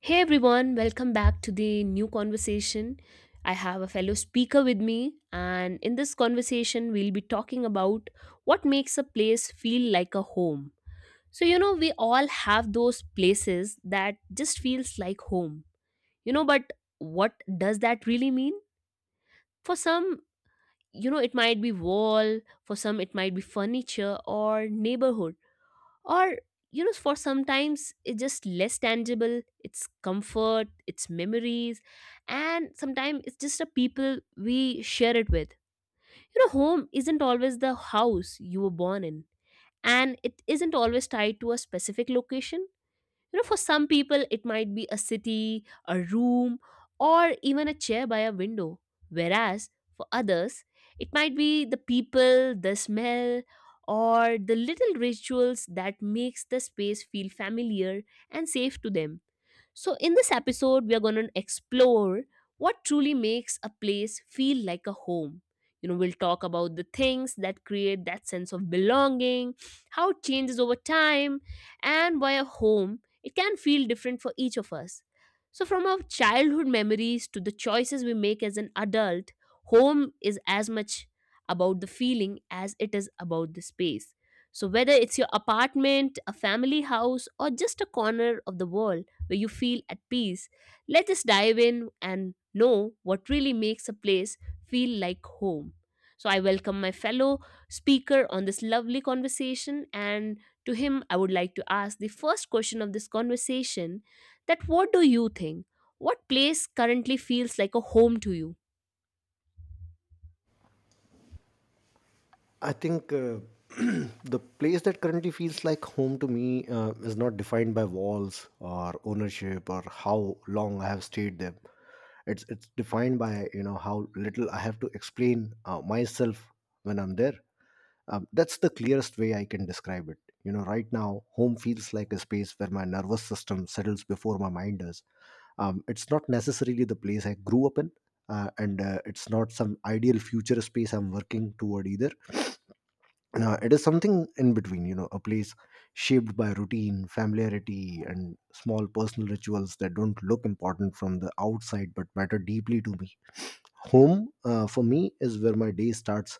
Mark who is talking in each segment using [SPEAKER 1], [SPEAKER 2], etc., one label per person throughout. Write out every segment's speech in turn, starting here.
[SPEAKER 1] Hey everyone, welcome back to the new conversation. I have a fellow speaker with me, and in this conversation, we'll be talking about what makes a place feel like a home. So, we all have those places that just feels like home. But what does that really mean? For some, it might be wall. For some, it might be furniture or neighborhood, or for sometimes it's just less tangible. It's comfort, it's memories, and sometimes it's just the people we share it with. Home isn't always the house you were born in, and it isn't always tied to a specific location. For some people, it might be a city, a room, or even a chair by a window. Whereas for others, it might be the people, the smell, or the little rituals that makes the space feel familiar and safe to them. So, in this episode, we are going to explore what truly makes a place feel like a home. We'll talk about the things that create that sense of belonging, how it changes over time, and why a home it can feel different for each of us. So, from our childhood memories to the choices we make as an adult, home is as much about the feeling as it is about the space. So, whether it's your apartment, a family house, or just a corner of the world where you feel at peace. Let us dive in and know what really makes a place feel like home. So, I welcome my fellow speaker on this lovely conversation, and to him, I would like to ask the first question of this conversation that what do you think? What place currently feels like a home to you?
[SPEAKER 2] I think the place that currently feels like home to me is not defined by walls or ownership or how long I have stayed there. It's defined by how little I have to explain myself when I'm there. That's the clearest way I can describe it. You know, right now, home feels like a space where my nervous system settles before my mind does. It's not necessarily the place I grew up in, and it's not some ideal future space I'm working toward either now. It is something in between, you know, a place shaped by routine, familiarity, and small personal rituals that don't look important from the outside but matter deeply to me. Home, for me, is where my day starts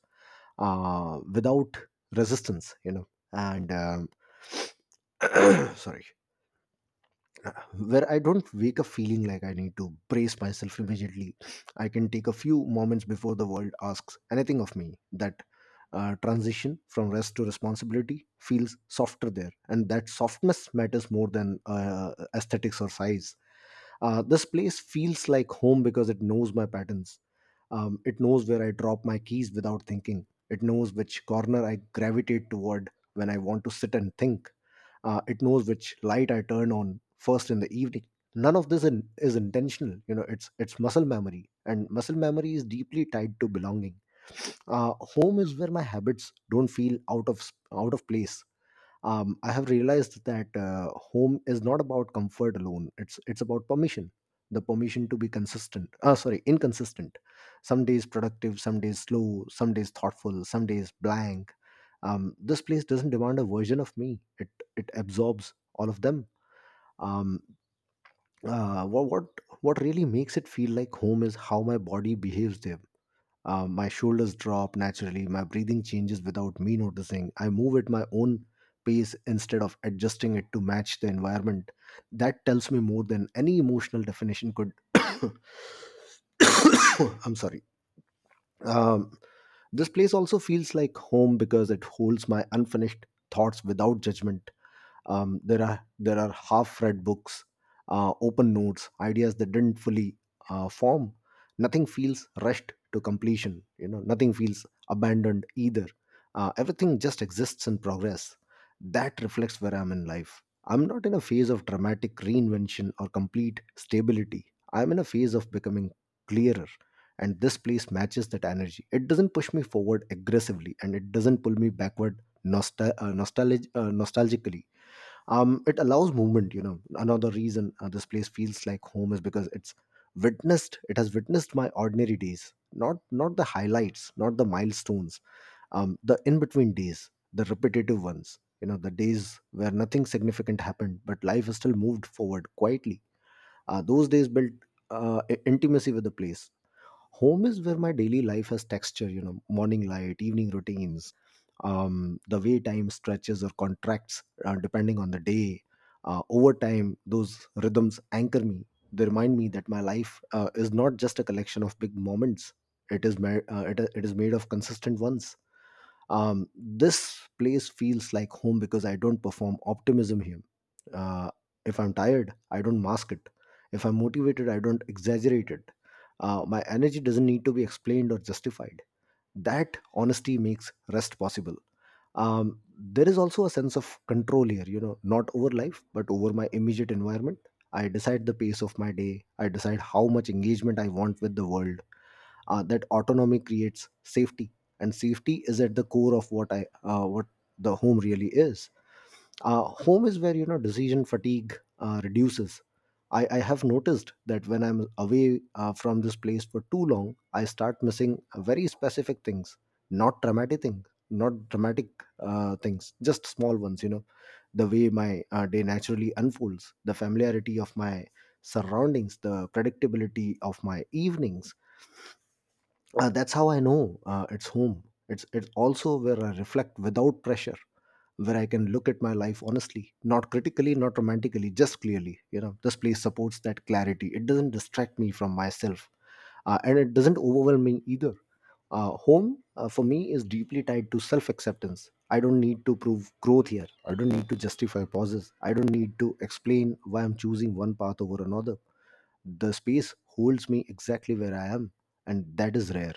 [SPEAKER 2] without resistance, you know, and sorry, where I don't wake up feeling like I need to brace myself immediately. I can take a few moments before the world asks anything of me. That transition from rest to responsibility feels softer there, and that softness matters more than aesthetics or size. This place feels like home because it knows my patterns. It knows where I drop my keys without thinking. It knows which corner I gravitate toward when I want to sit and think. Uh, it knows which light I turn on first in the evening. None of this is intentional. You know, it's muscle memory, and muscle memory is deeply tied to belonging. Uh, home is where my habits don't feel out of place. I have realized that home is not about comfort alone. It's about permission, the permission to be consistent sorry inconsistent. Some days productive, some days slow, some days thoughtful, some days blank. Um, this place doesn't demand a version of me. It absorbs all of them. Um, uh, what, what what really makes it feel like home is how my body behaves there. Um, my shoulders drop naturally, my breathing changes without me noticing, I move at my own pace instead of adjusting it to match the environment. That tells me more than any emotional definition could. I'm sorry. Um, this place also feels like home because it holds my unfinished thoughts without judgment. There are half-read books, open notes, ideas that didn't fully form. Nothing feels rushed to completion. You know, nothing feels abandoned either. Everything just exists in progress. That reflects where I'm in life. I'm not in a phase of dramatic reinvention or complete stability. I'm in a phase of becoming clearer, and this place matches that energy. It doesn't push me forward aggressively, and it doesn't pull me backward nostalgically. Um it allows movement. You know, another reason this place feels like home is because it's witnessed. It has witnessed my ordinary days, not the highlights, not the milestones. Um the in between days, the repetitive ones, you know, the days where nothing significant happened but life is still moved forward quietly. Uh, those days built intimacy with the place. Home is where my daily life has texture. You know, morning light, evening routines, the way time stretches or contracts depending on the day. Uh, over time, those rhythms anchor me. They remind me that my life is not just a collection of big moments. It is made of consistent ones. Um, this place feels like home because I don't perform optimism here. Uh, if I'm tired, I don't mask it. If I'm motivated, I don't exaggerate it. Uh, my energy doesn't need to be explained or justified. That honesty makes rest possible. Um, there is also a sense of control here, you know, not over life but over my immediate environment. I decide the pace of my day. I decide how much engagement I want with the world. Uh, that autonomy creates safety, and safety is at the core of what the home really is. Uh, home is where, you know, decision fatigue reduces. I have noticed that when I'm away from this place for too long, I start missing very specific things. Not dramatic things, just small ones, you know, the way my day naturally unfolds, the familiarity of my surroundings, the predictability of my evenings. Uh, that's how I know it's home. It's also where I reflect without pressure, where I can look at my life honestly, not critically, not romantically, just clearly. You know, this place supports that clarity. It doesn't distract me from myself, and it doesn't overwhelm me either. Uh, home, for me, is deeply tied to self acceptance. I don't need to prove growth here. I don't need to justify pauses. I don't need to explain why I'm choosing one path over another. The space holds me exactly where I am, and that is rare.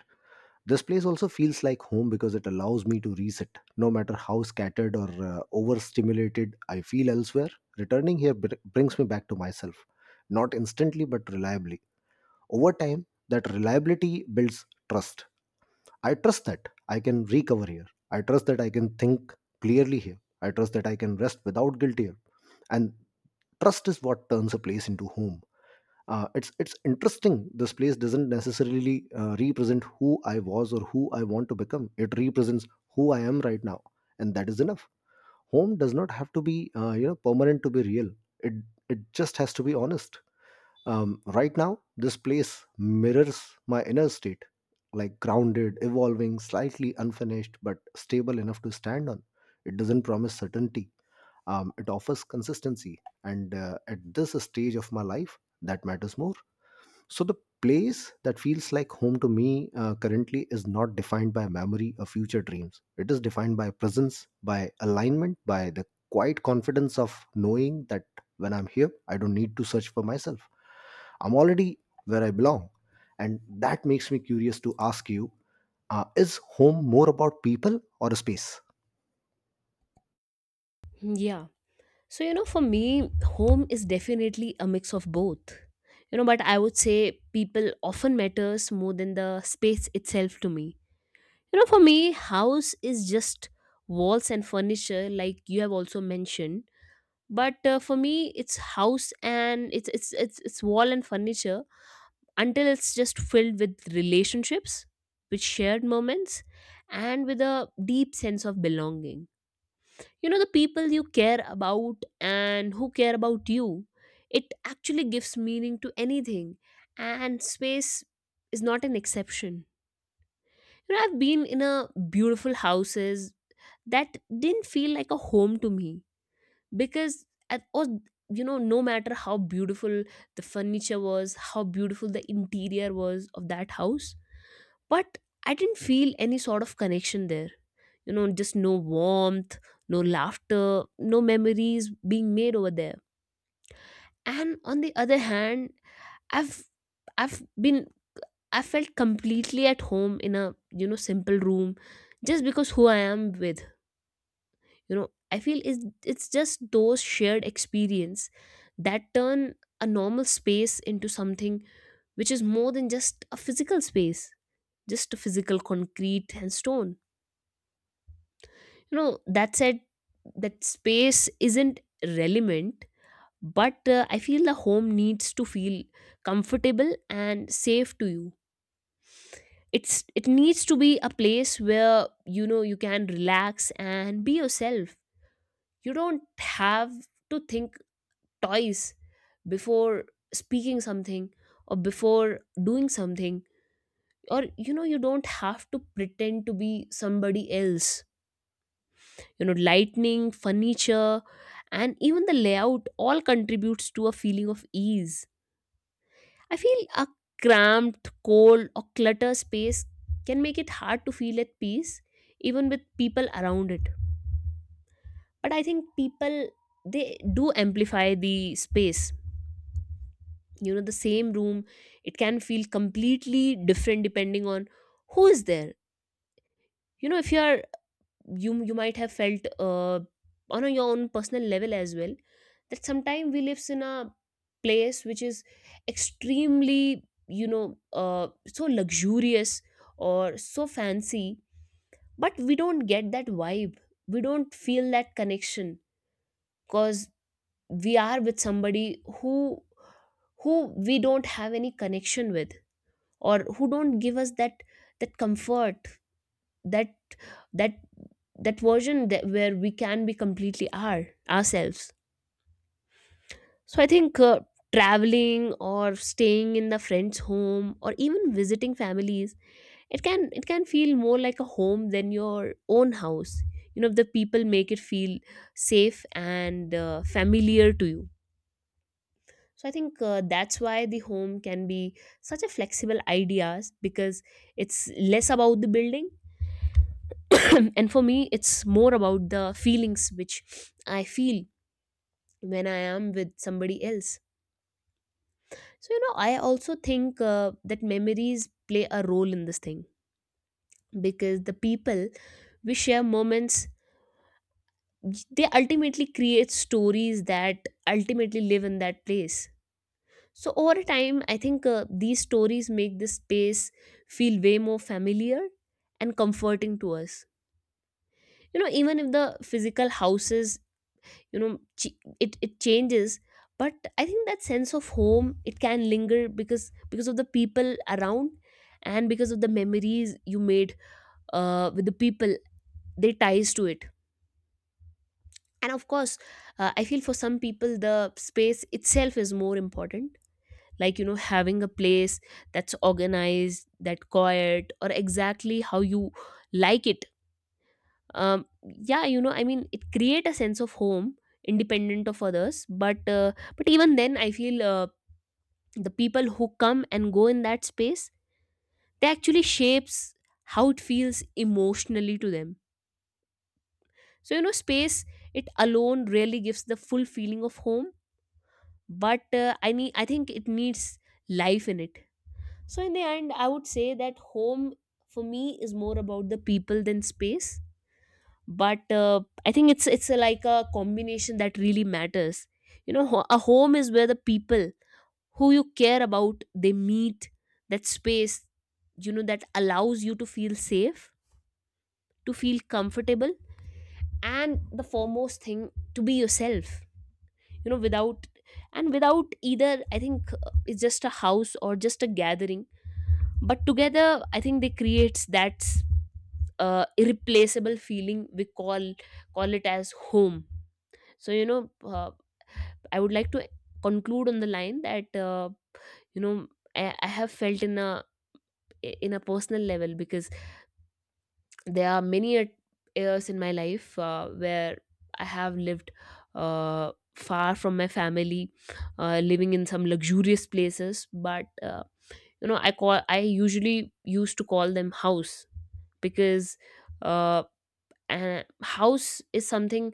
[SPEAKER 2] This place also feels like home because it allows me to reset, no matter how scattered or overstimulated I feel elsewhere. Returning here brings me back to myself, not instantly but reliably. Over time, that reliability builds trust. I trust that I can recover here. I trust that I can think clearly here. I trust that I can rest without guilt here. And trust is what turns a place into home. It's interesting. This place doesn't necessarily represent who I was or who I want to become. It represents who I am right now, and that is enough. Home does not have to be permanent to be real. it it just has to be honest. Um, right now, this place mirrors my inner state, like grounded, evolving, slightly unfinished but stable enough to stand on. It doesn't promise certainty. Um, it offers consistency, and at this stage of my life, that matters more. So the place that feels like home to me currently is not defined by memory or future dreams. It is defined by presence, by alignment, by the quiet confidence of knowing that when I'm here, I don't need to search for myself. I'm already where I belong. And that makes me curious to ask you, is home more about people or a space?
[SPEAKER 1] Yeah. So, for me, home is definitely a mix of both. But I would say people often matters more than the space itself to me. For me, house is just walls and furniture, like you have also mentioned. But for me, it's house and it's wall and furniture, until it's just filled with relationships, with shared moments, and with a deep sense of belonging. The people you care about and who care about you, it actually gives meaning to anything, and space is not an exception. I've been in a beautiful houses that didn't feel like a home to me, because at, or no matter how beautiful the furniture was, how beautiful the interior was of that house, but I didn't feel any sort of connection there. Just no warmth, no laughter, no memories being made over there. And on the other hand, I've I've been I felt completely at home in a simple room, just because who I am with. I feel it's just those shared experience that turn a normal space into something which is more than just a physical space, just a physical concrete and stone. That said, that space isn't relevant, but I feel the home needs to feel comfortable and safe to you. It needs to be a place where you can relax and be yourself. You don't have to think twice before speaking something, or before doing something, or you don't have to pretend to be somebody else. Lightning, furniture, and even the layout all contributes to a feeling of ease. I feel a cramped, cold, or clutter space can make it hard to feel at peace even with people around it. But I think people, they do amplify the space. The same room, it can feel completely different depending on who is there. If you are, you might have felt on your own personal level as well, that sometimes we lives in a place which is extremely so luxurious or so fancy, but we don't get that vibe. We don't feel that connection, because we are with somebody who we don't have any connection with, or who don't give us that, that comfort, that that that version, that where we can be completely our ourselves. So I think traveling or staying in the friend's home or even visiting families, it can, it can feel more like a home than your own house if the people make it feel safe and familiar to you. So I think that's why the home can be such a flexible ideas, because it's less about the building. And for me, it's more about the feelings which I feel when I am with somebody else. So I also think that memories play a role in this thing, because the people we share moments, they ultimately create stories that ultimately live in that place. So over time, I think these stories make this space feel way more familiar and comforting to us. Even if the physical houses you know ch- it changes, but I think that sense of home it can linger, because of the people around and because of the memories you made with the people they ties to it. And of course, I feel for some people the space itself is more important, like having a place that's organized, that quiet, or exactly how you like it. Um, yeah, I mean it create a sense of home independent of others, but but even then I feel the people who come and go in that space, they actually shapes how it feels emotionally to them. So space, it alone really gives the full feeling of home, but I think it needs life in it. So in the end, I would say that home for me is more about the people than space, but I think it's a, like a combination that really matters. A home is where the people who you care about they meet that space, that allows you to feel safe, to feel comfortable, and the foremost thing to be yourself. Without and without either, I think it's just a house or just a gathering, but together I think they creates that irreplaceable feeling we call it as home. So, I would like to conclude on the line that, you know, I have felt in a, in a personal level, because there are many years in my life where I have lived far from my family, living in some luxurious places. But I usually used to call them house, because uh, a house is something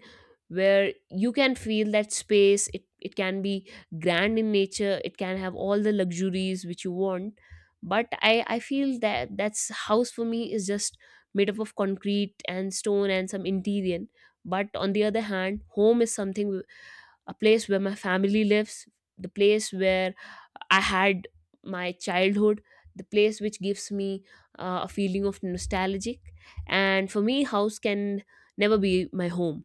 [SPEAKER 1] where you can feel that space, it can be grand in nature, it can have all the luxuries which you want, but I feel that that's house for me is just made up of concrete and stone and some interior. But on the other hand, home is something a place where my family lives, the place where I had my childhood, the place which gives me a feeling of nostalgic. And for me, house can never be my home.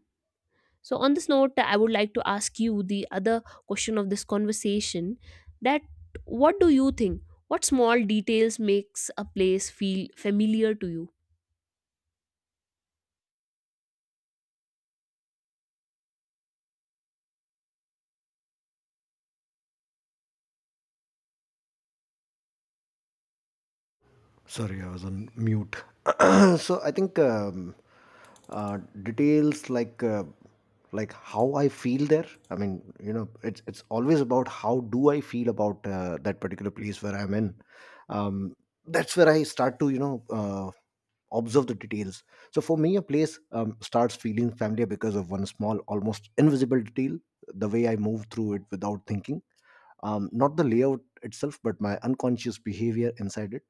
[SPEAKER 1] So on this note, I would like to ask you the other question of this conversation that what do you think? What small details makes a place feel familiar to you?
[SPEAKER 2] Sorry, I was on mute. So I think details like how I feel there. I mean, you know, it's always about how do I feel about that particular place where I'm in. Um, that's where I start to, you know, observe the details. So for me, a place starts feeling familiar because of one small, almost invisible detail, the way I move through it without thinking. Not the layout itself, but my unconscious behavior inside it.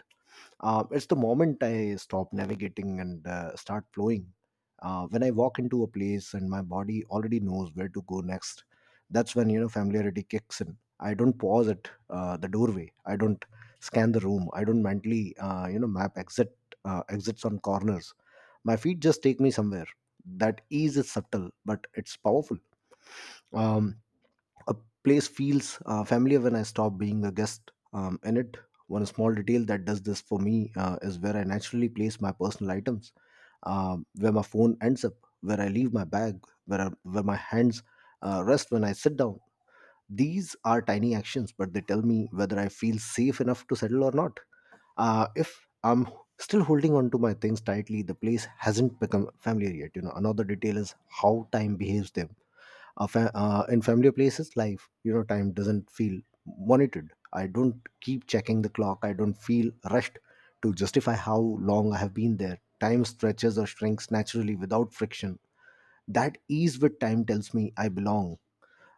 [SPEAKER 2] Uh, it's the moment I stop navigating and start flowing. When I walk into a place and my body already knows where to go next, that's when, you know, familiarity kicks in. I don't pause at the doorway. I don't scan the room. I don't mentally map exits on corners. My feet just take me somewhere. That ease is subtle, but it's powerful. Um, a place feels familiar when I stop being a guest in it. One small detail that does this for me is where I naturally place my personal items, where my phone ends up, where I leave my bag, where my hands rest when I sit down. These are tiny actions, but they tell me whether I feel safe enough to settle or not. If I'm still holding on to my things tightly, the place hasn't become familiar yet. You know, another detail is how time behaves them. Fa- in familiar places, life, you know, time doesn't feel monitored. I don't keep checking the clock. I don't feel rushed to justify how long I have been there. Time stretches or shrinks naturally without friction. That ease with time tells me I belong.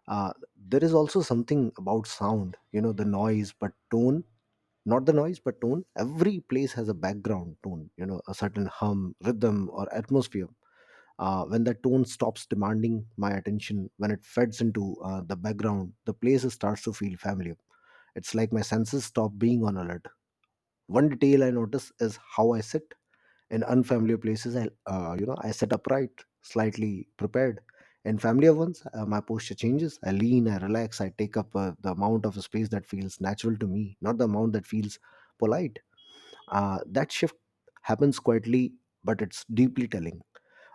[SPEAKER 2] Uh, there is also something about sound, you know, the noise but tone not the noise but tone. Every place has a background tone, you know, a certain hum, rhythm, or atmosphere. Uh, when the tone stops demanding my attention, when it fades into the background, the place starts to feel familiar. It's like my senses stop being on alert. One detail I notice is how I sit. In unfamiliar places, I I sit upright, slightly prepared. In familiar ones, my posture changes. I lean, I relax, I take up the amount of space that feels natural to me, not the amount that feels polite. Uh, that shift happens quietly, but it's deeply telling.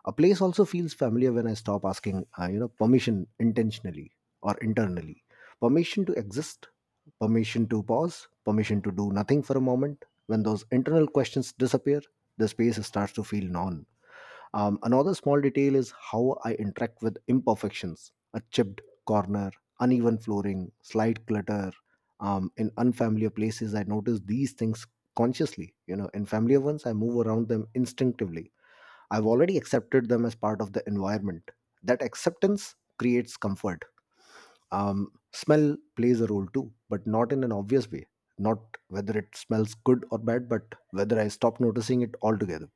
[SPEAKER 2] A place also feels familiar when I stop asking, permission intentionally or internally. Permission to exist, permission to pause, permission to do nothing for a moment. When those internal questions disappear, the space starts to feel non. Another small detail is how I interact with imperfections, a chipped corner, uneven flooring, slight clutter. In unfamiliar places, I notice these things consciously. You know, in familiar ones, I move around them instinctively. I've already accepted them as part of the environment. That acceptance creates comfort. Smell plays a role too, but not in an obvious way. Not whether it smells good or bad, but whether I stop noticing it altogether.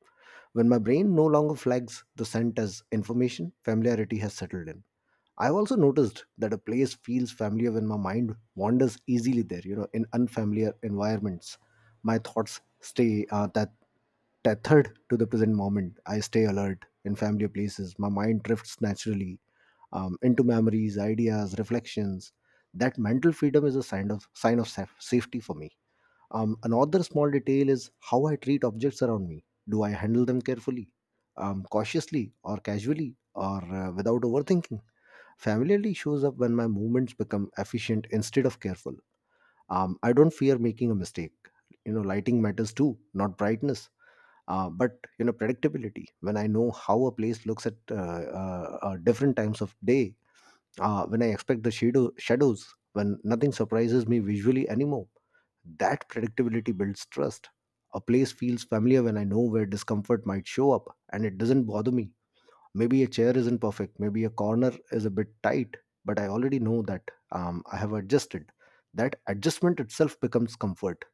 [SPEAKER 2] When my brain no longer flags the scent as information, familiarity has settled in. I've also noticed that a place feels familiar when my mind wanders easily there, you know, in unfamiliar environments. My thoughts stay that tethered to the present moment. I stay alert in familiar places. My mind drifts naturally into memories, ideas, reflections. That mental freedom is a sign of safety for me. Another small detail is how I treat objects around me. Do I handle them carefully, cautiously, or casually, or without overthinking? Familiarity shows up when my movements become efficient instead of careful. I don't fear making a mistake. You know, lighting matters too, not brightness. But you know, predictability. When I know how a place looks at different times of day, when I expect the shadows, when nothing surprises me visually anymore, that predictability builds trust. A place feels familiar when I know where discomfort might show up and it doesn't bother me. Maybe a chair isn't perfect, maybe a corner is a bit tight, but I already know that I have adjusted. That adjustment itself becomes comfort.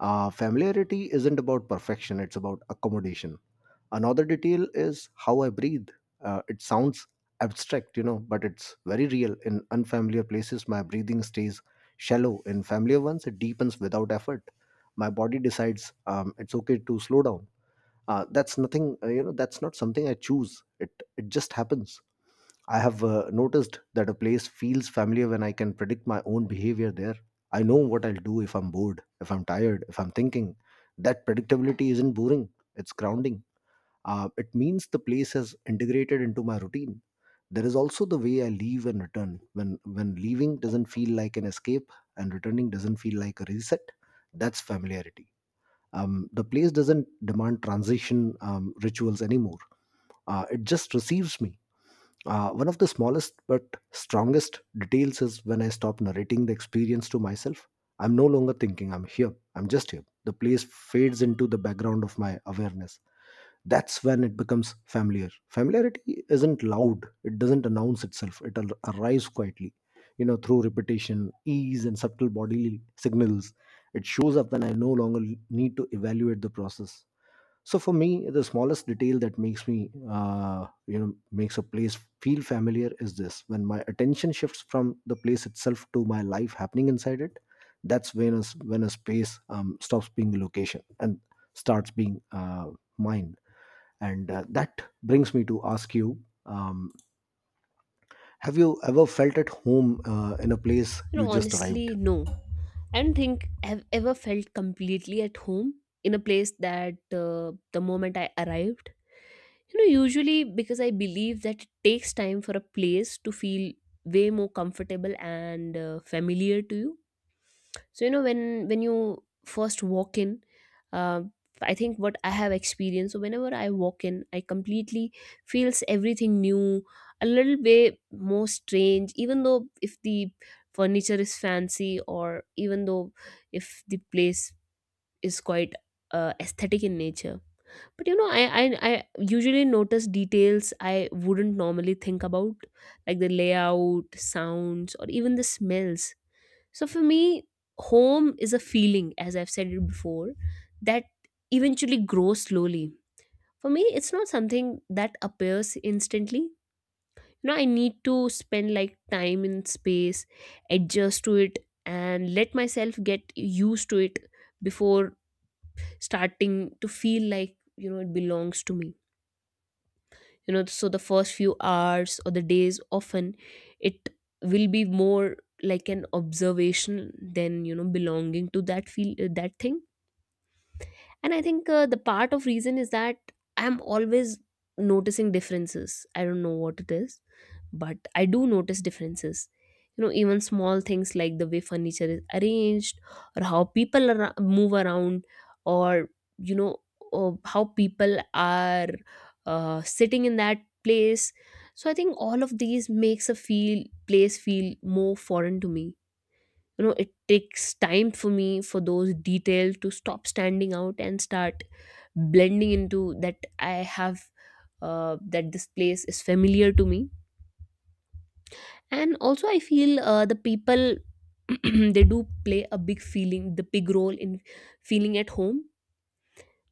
[SPEAKER 2] Familiarity isn't about perfection, it's about accommodation. Another detail is how I breathe. It sounds abstract, you know, but it's very real. In unfamiliar places, my breathing stays shallow. In familiar ones, it deepens without effort. My body decides it's okay to slow down. That's not something I choose. It just happens. I have noticed that a place feels familiar when I can predict my own behavior there. I know what I'll do if I'm bored, if I'm tired, if I'm thinking. That predictability isn't boring, it's grounding. Uh, it means the place has integrated into my routine. There is also the way I leave and return. When leaving doesn't feel like an escape and returning doesn't feel like a reset, that's familiarity. The place doesn't demand transition rituals anymore. It just receives me. One of the smallest but strongest details is when I stop narrating the experience to myself. I'm no longer thinking, I'm here, I'm just here. The place fades into the background of my awareness. That's when it becomes familiar. Familiarity isn't loud, it doesn't announce itself, arrives quietly, you know, through repetition, ease, and subtle bodily signals. It shows up when I no longer need to evaluate the process. So for me, the smallest detail that makes me makes a place feel familiar is this: when my attention shifts from the place itself to my life happening inside it. That's when when a space stops being a location and starts being mine. And that brings me to ask you, um, have you ever felt at home in a place
[SPEAKER 1] You know,
[SPEAKER 2] you just arrived?
[SPEAKER 1] honestly, no. I don't think I've ever felt completely at home in a place that the moment I arrived. Usually because I believe that it takes time for a place to feel way more comfortable and familiar to you. So when you first walk in, uh, I think what I have experienced, so whenever I walk in, I completely feels everything new, a little bit more strange, even though if the furniture is fancy, or even though if the place is quite aesthetic in nature. But I usually notice details I wouldn't normally think about, like the layout sounds or even the smells. So for me, home is a feeling, as I've said it before, that eventually grows slowly. For me, it's not something that appears instantly. I need to spend like time in space, adjust to it, and let myself get used to it before starting to feel like, it belongs to me. So the first few hours or the days often, it will be more like an observation than belonging to that feel, that thing. And I think the part of reason is that I'm always noticing differences. I don't know what it is, but I do notice differences. You know, even small things like the way furniture is arranged, or how people move around, or you know, or how people are sitting in that place. So I think all of these makes a feel place feel more foreign to me. You know, it takes time for me for those details to stop standing out and start blending into that I have, that this place is familiar to me. And also I feel, the people they do play a big feeling the big role in feeling at home,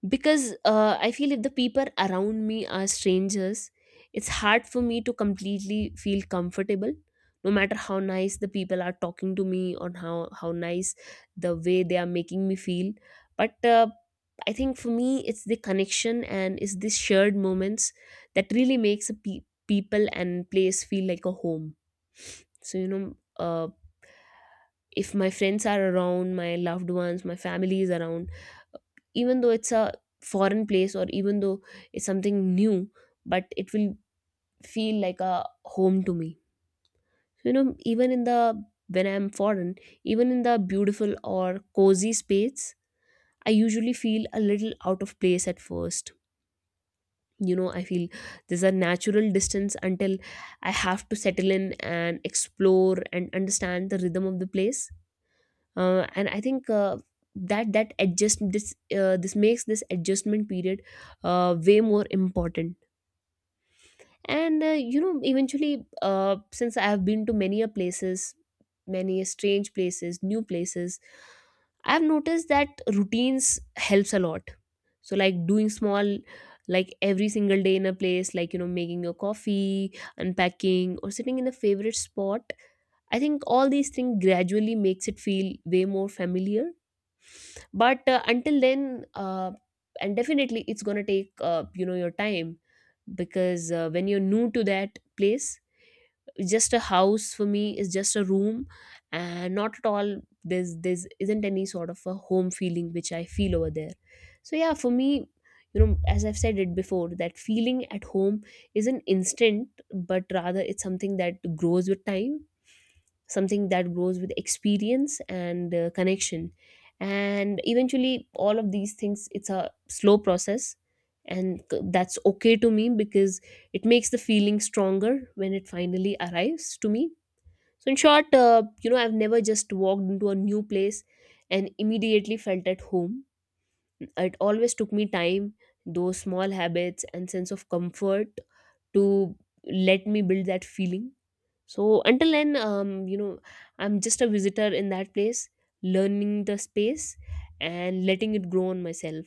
[SPEAKER 1] because I feel if the people around me are strangers, it's hard for me to completely feel comfortable, no matter how nice the people are talking to me or how nice the way they are making me feel. But I think for me it's the connection and it's these shared moments that really makes a people and place feel like a home. So if my friends are around, my loved ones, my family is around, even though it's a foreign place, or even though it's something new, but it will feel like a home to me. You know, even in the, when I'm foreign, even in the beautiful or cozy space, I usually feel a little out of place at first. You know, I feel there's a natural distance until I have to settle in and explore and understand the rhythm of the place. And I think, that that adjust this this makes this adjustment period way more important. And eventually, since I have been to many a places, many a strange places, new places, I've noticed that routines helps a lot. So like doing small, like every single day in a place, like making your coffee, unpacking, or sitting in a favorite spot, I think all these things gradually makes it feel way more familiar. But until then, and definitely it's gonna take, your time, because, when you're new to that place, just a house for me is just a room, and not at all, there's isn't any sort of a home feeling which I feel over there. So yeah, for me, as I've said it before, that feeling at home isn't instant, but rather it's something that grows with time, something that grows with experience and, connection. And eventually all of these things, it's a slow process, and that's okay to me, because it makes the feeling stronger when it finally arrives to me. So in short, I've never just walked into a new place and immediately felt at home. It always took me time, those small habits and sense of comfort to let me build that feeling. So until then, I'm just a visitor in that place, learning the space and letting it grow on myself.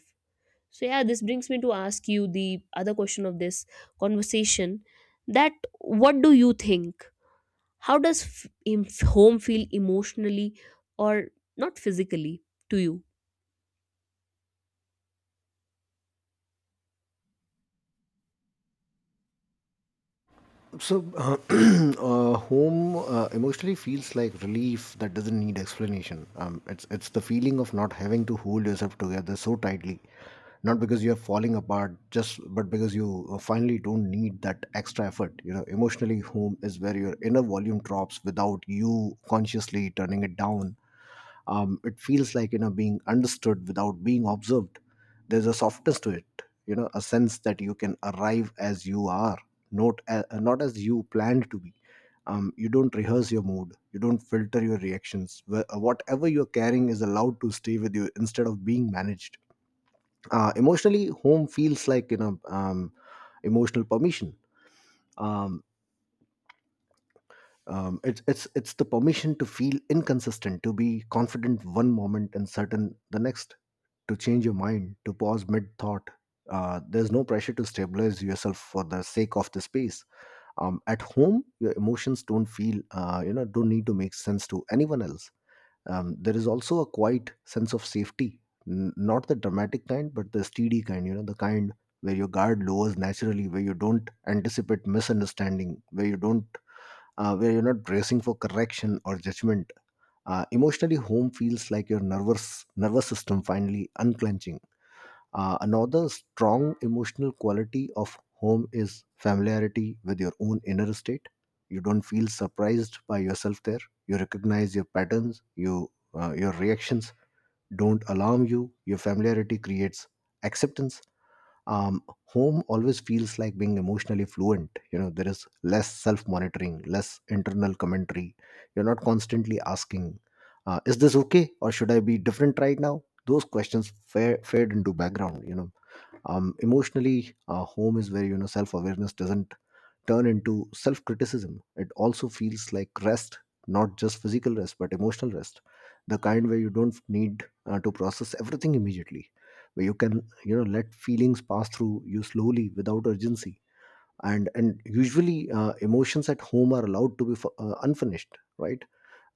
[SPEAKER 1] So yeah, this brings me to ask you the other question of this conversation, that what do you think, how does home feel emotionally or not physically to you?
[SPEAKER 2] So, home emotionally feels like relief that doesn't need explanation. It's the feeling of not having to hold yourself together so tightly, not because you are falling apart, just but because you finally don't need that extra effort. You know, emotionally, home is where your inner volume drops without you consciously turning it down. It feels like, you know, being understood without being observed. There's a softness to it, you know, a sense that you can arrive as you are, not as you planned to be. You don't rehearse your mood, you don't filter your reactions. Whatever you're carrying is allowed to stay with you instead of being managed. Uh, emotionally, home feels like, you know, emotional permission. Um, it's the permission to feel inconsistent, to be confident one moment and certain the next, to change your mind, to pause mid thought. Uh, there's no pressure to stabilize yourself for the sake of the space. Um, at home, your emotions don't feel don't need to make sense to anyone else. Um, there is also a quiet sense of safety. N- not the dramatic kind but the steady kind, you know, the kind where your guard lowers naturally, where you don't anticipate misunderstanding, where you're not bracing for correction or judgment. Emotionally, home feels like your nervous system finally unclenching. Another strong emotional quality of home is familiarity with your own inner state. You don't feel surprised by yourself there. You recognize your patterns. You your reactions don't alarm you. Your familiarity creates acceptance. Um, home always feels like being emotionally fluent. You know, there is less self monitoring, less internal commentary. You're not constantly asking, is this okay or should I be different right now? Those questions fade into background, you know. Um, emotionally, home is where, you know, self-awareness doesn't turn into self-criticism. It also feels like rest, not just physical rest but emotional rest, the kind where you don't need to process everything immediately, where you can, you know, let feelings pass through you slowly without urgency. And usually emotions at home are allowed to be unfinished, right?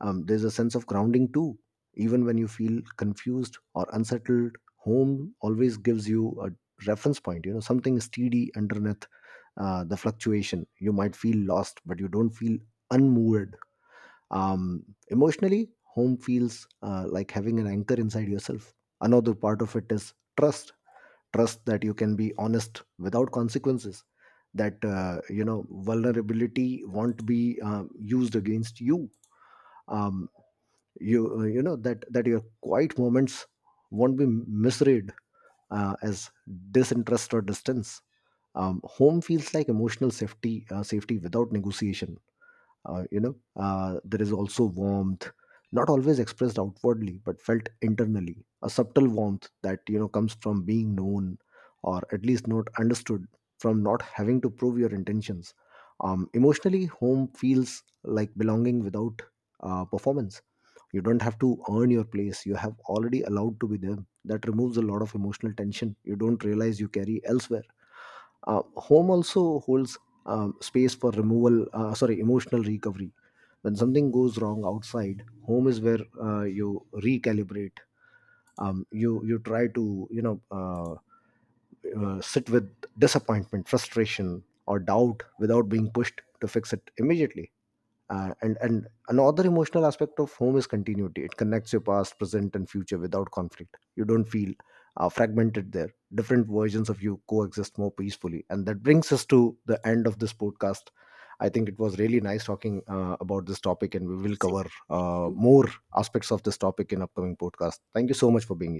[SPEAKER 2] there's a sense of grounding too. Even when you feel confused or unsettled, home always gives you a reference point, you know, something steady underneath the fluctuation. You might feel lost, but you don't feel unmoved. Emotionally, home feels like having an anchor inside yourself. Another part of it is trust that you can be honest without consequences, that you know, vulnerability won't be used against you. um, you know that your quiet moments won't be misread as disinterest or distance. Um, home feels like emotional safety, safety without negotiation. Uh, you know there is also warmth, not always expressed outwardly but felt internally, a subtle warmth that, you know, comes from being known, or at least not understood, from not having to prove your intentions. Um, emotionally, home feels like belonging without performance. You don't have to earn your place, you have already allowed to be there. That removes a lot of emotional tension you don't realize you carry elsewhere. Uh, home also holds space for removal, sorry, emotional recovery. When something goes wrong outside, home is where you recalibrate. You try to, you know, sit with disappointment, frustration, or doubt without being pushed to fix it immediately. And another emotional aspect of home is continuity. It connects your past, present, and future without conflict. You don't feel fragmented there. Different versions of you coexist more peacefully. And that brings us to the end of this podcast. I think it was really nice talking about this topic, and we will cover
[SPEAKER 1] Thank you.
[SPEAKER 2] more aspects of this topic in upcoming podcast. Thank you so much for being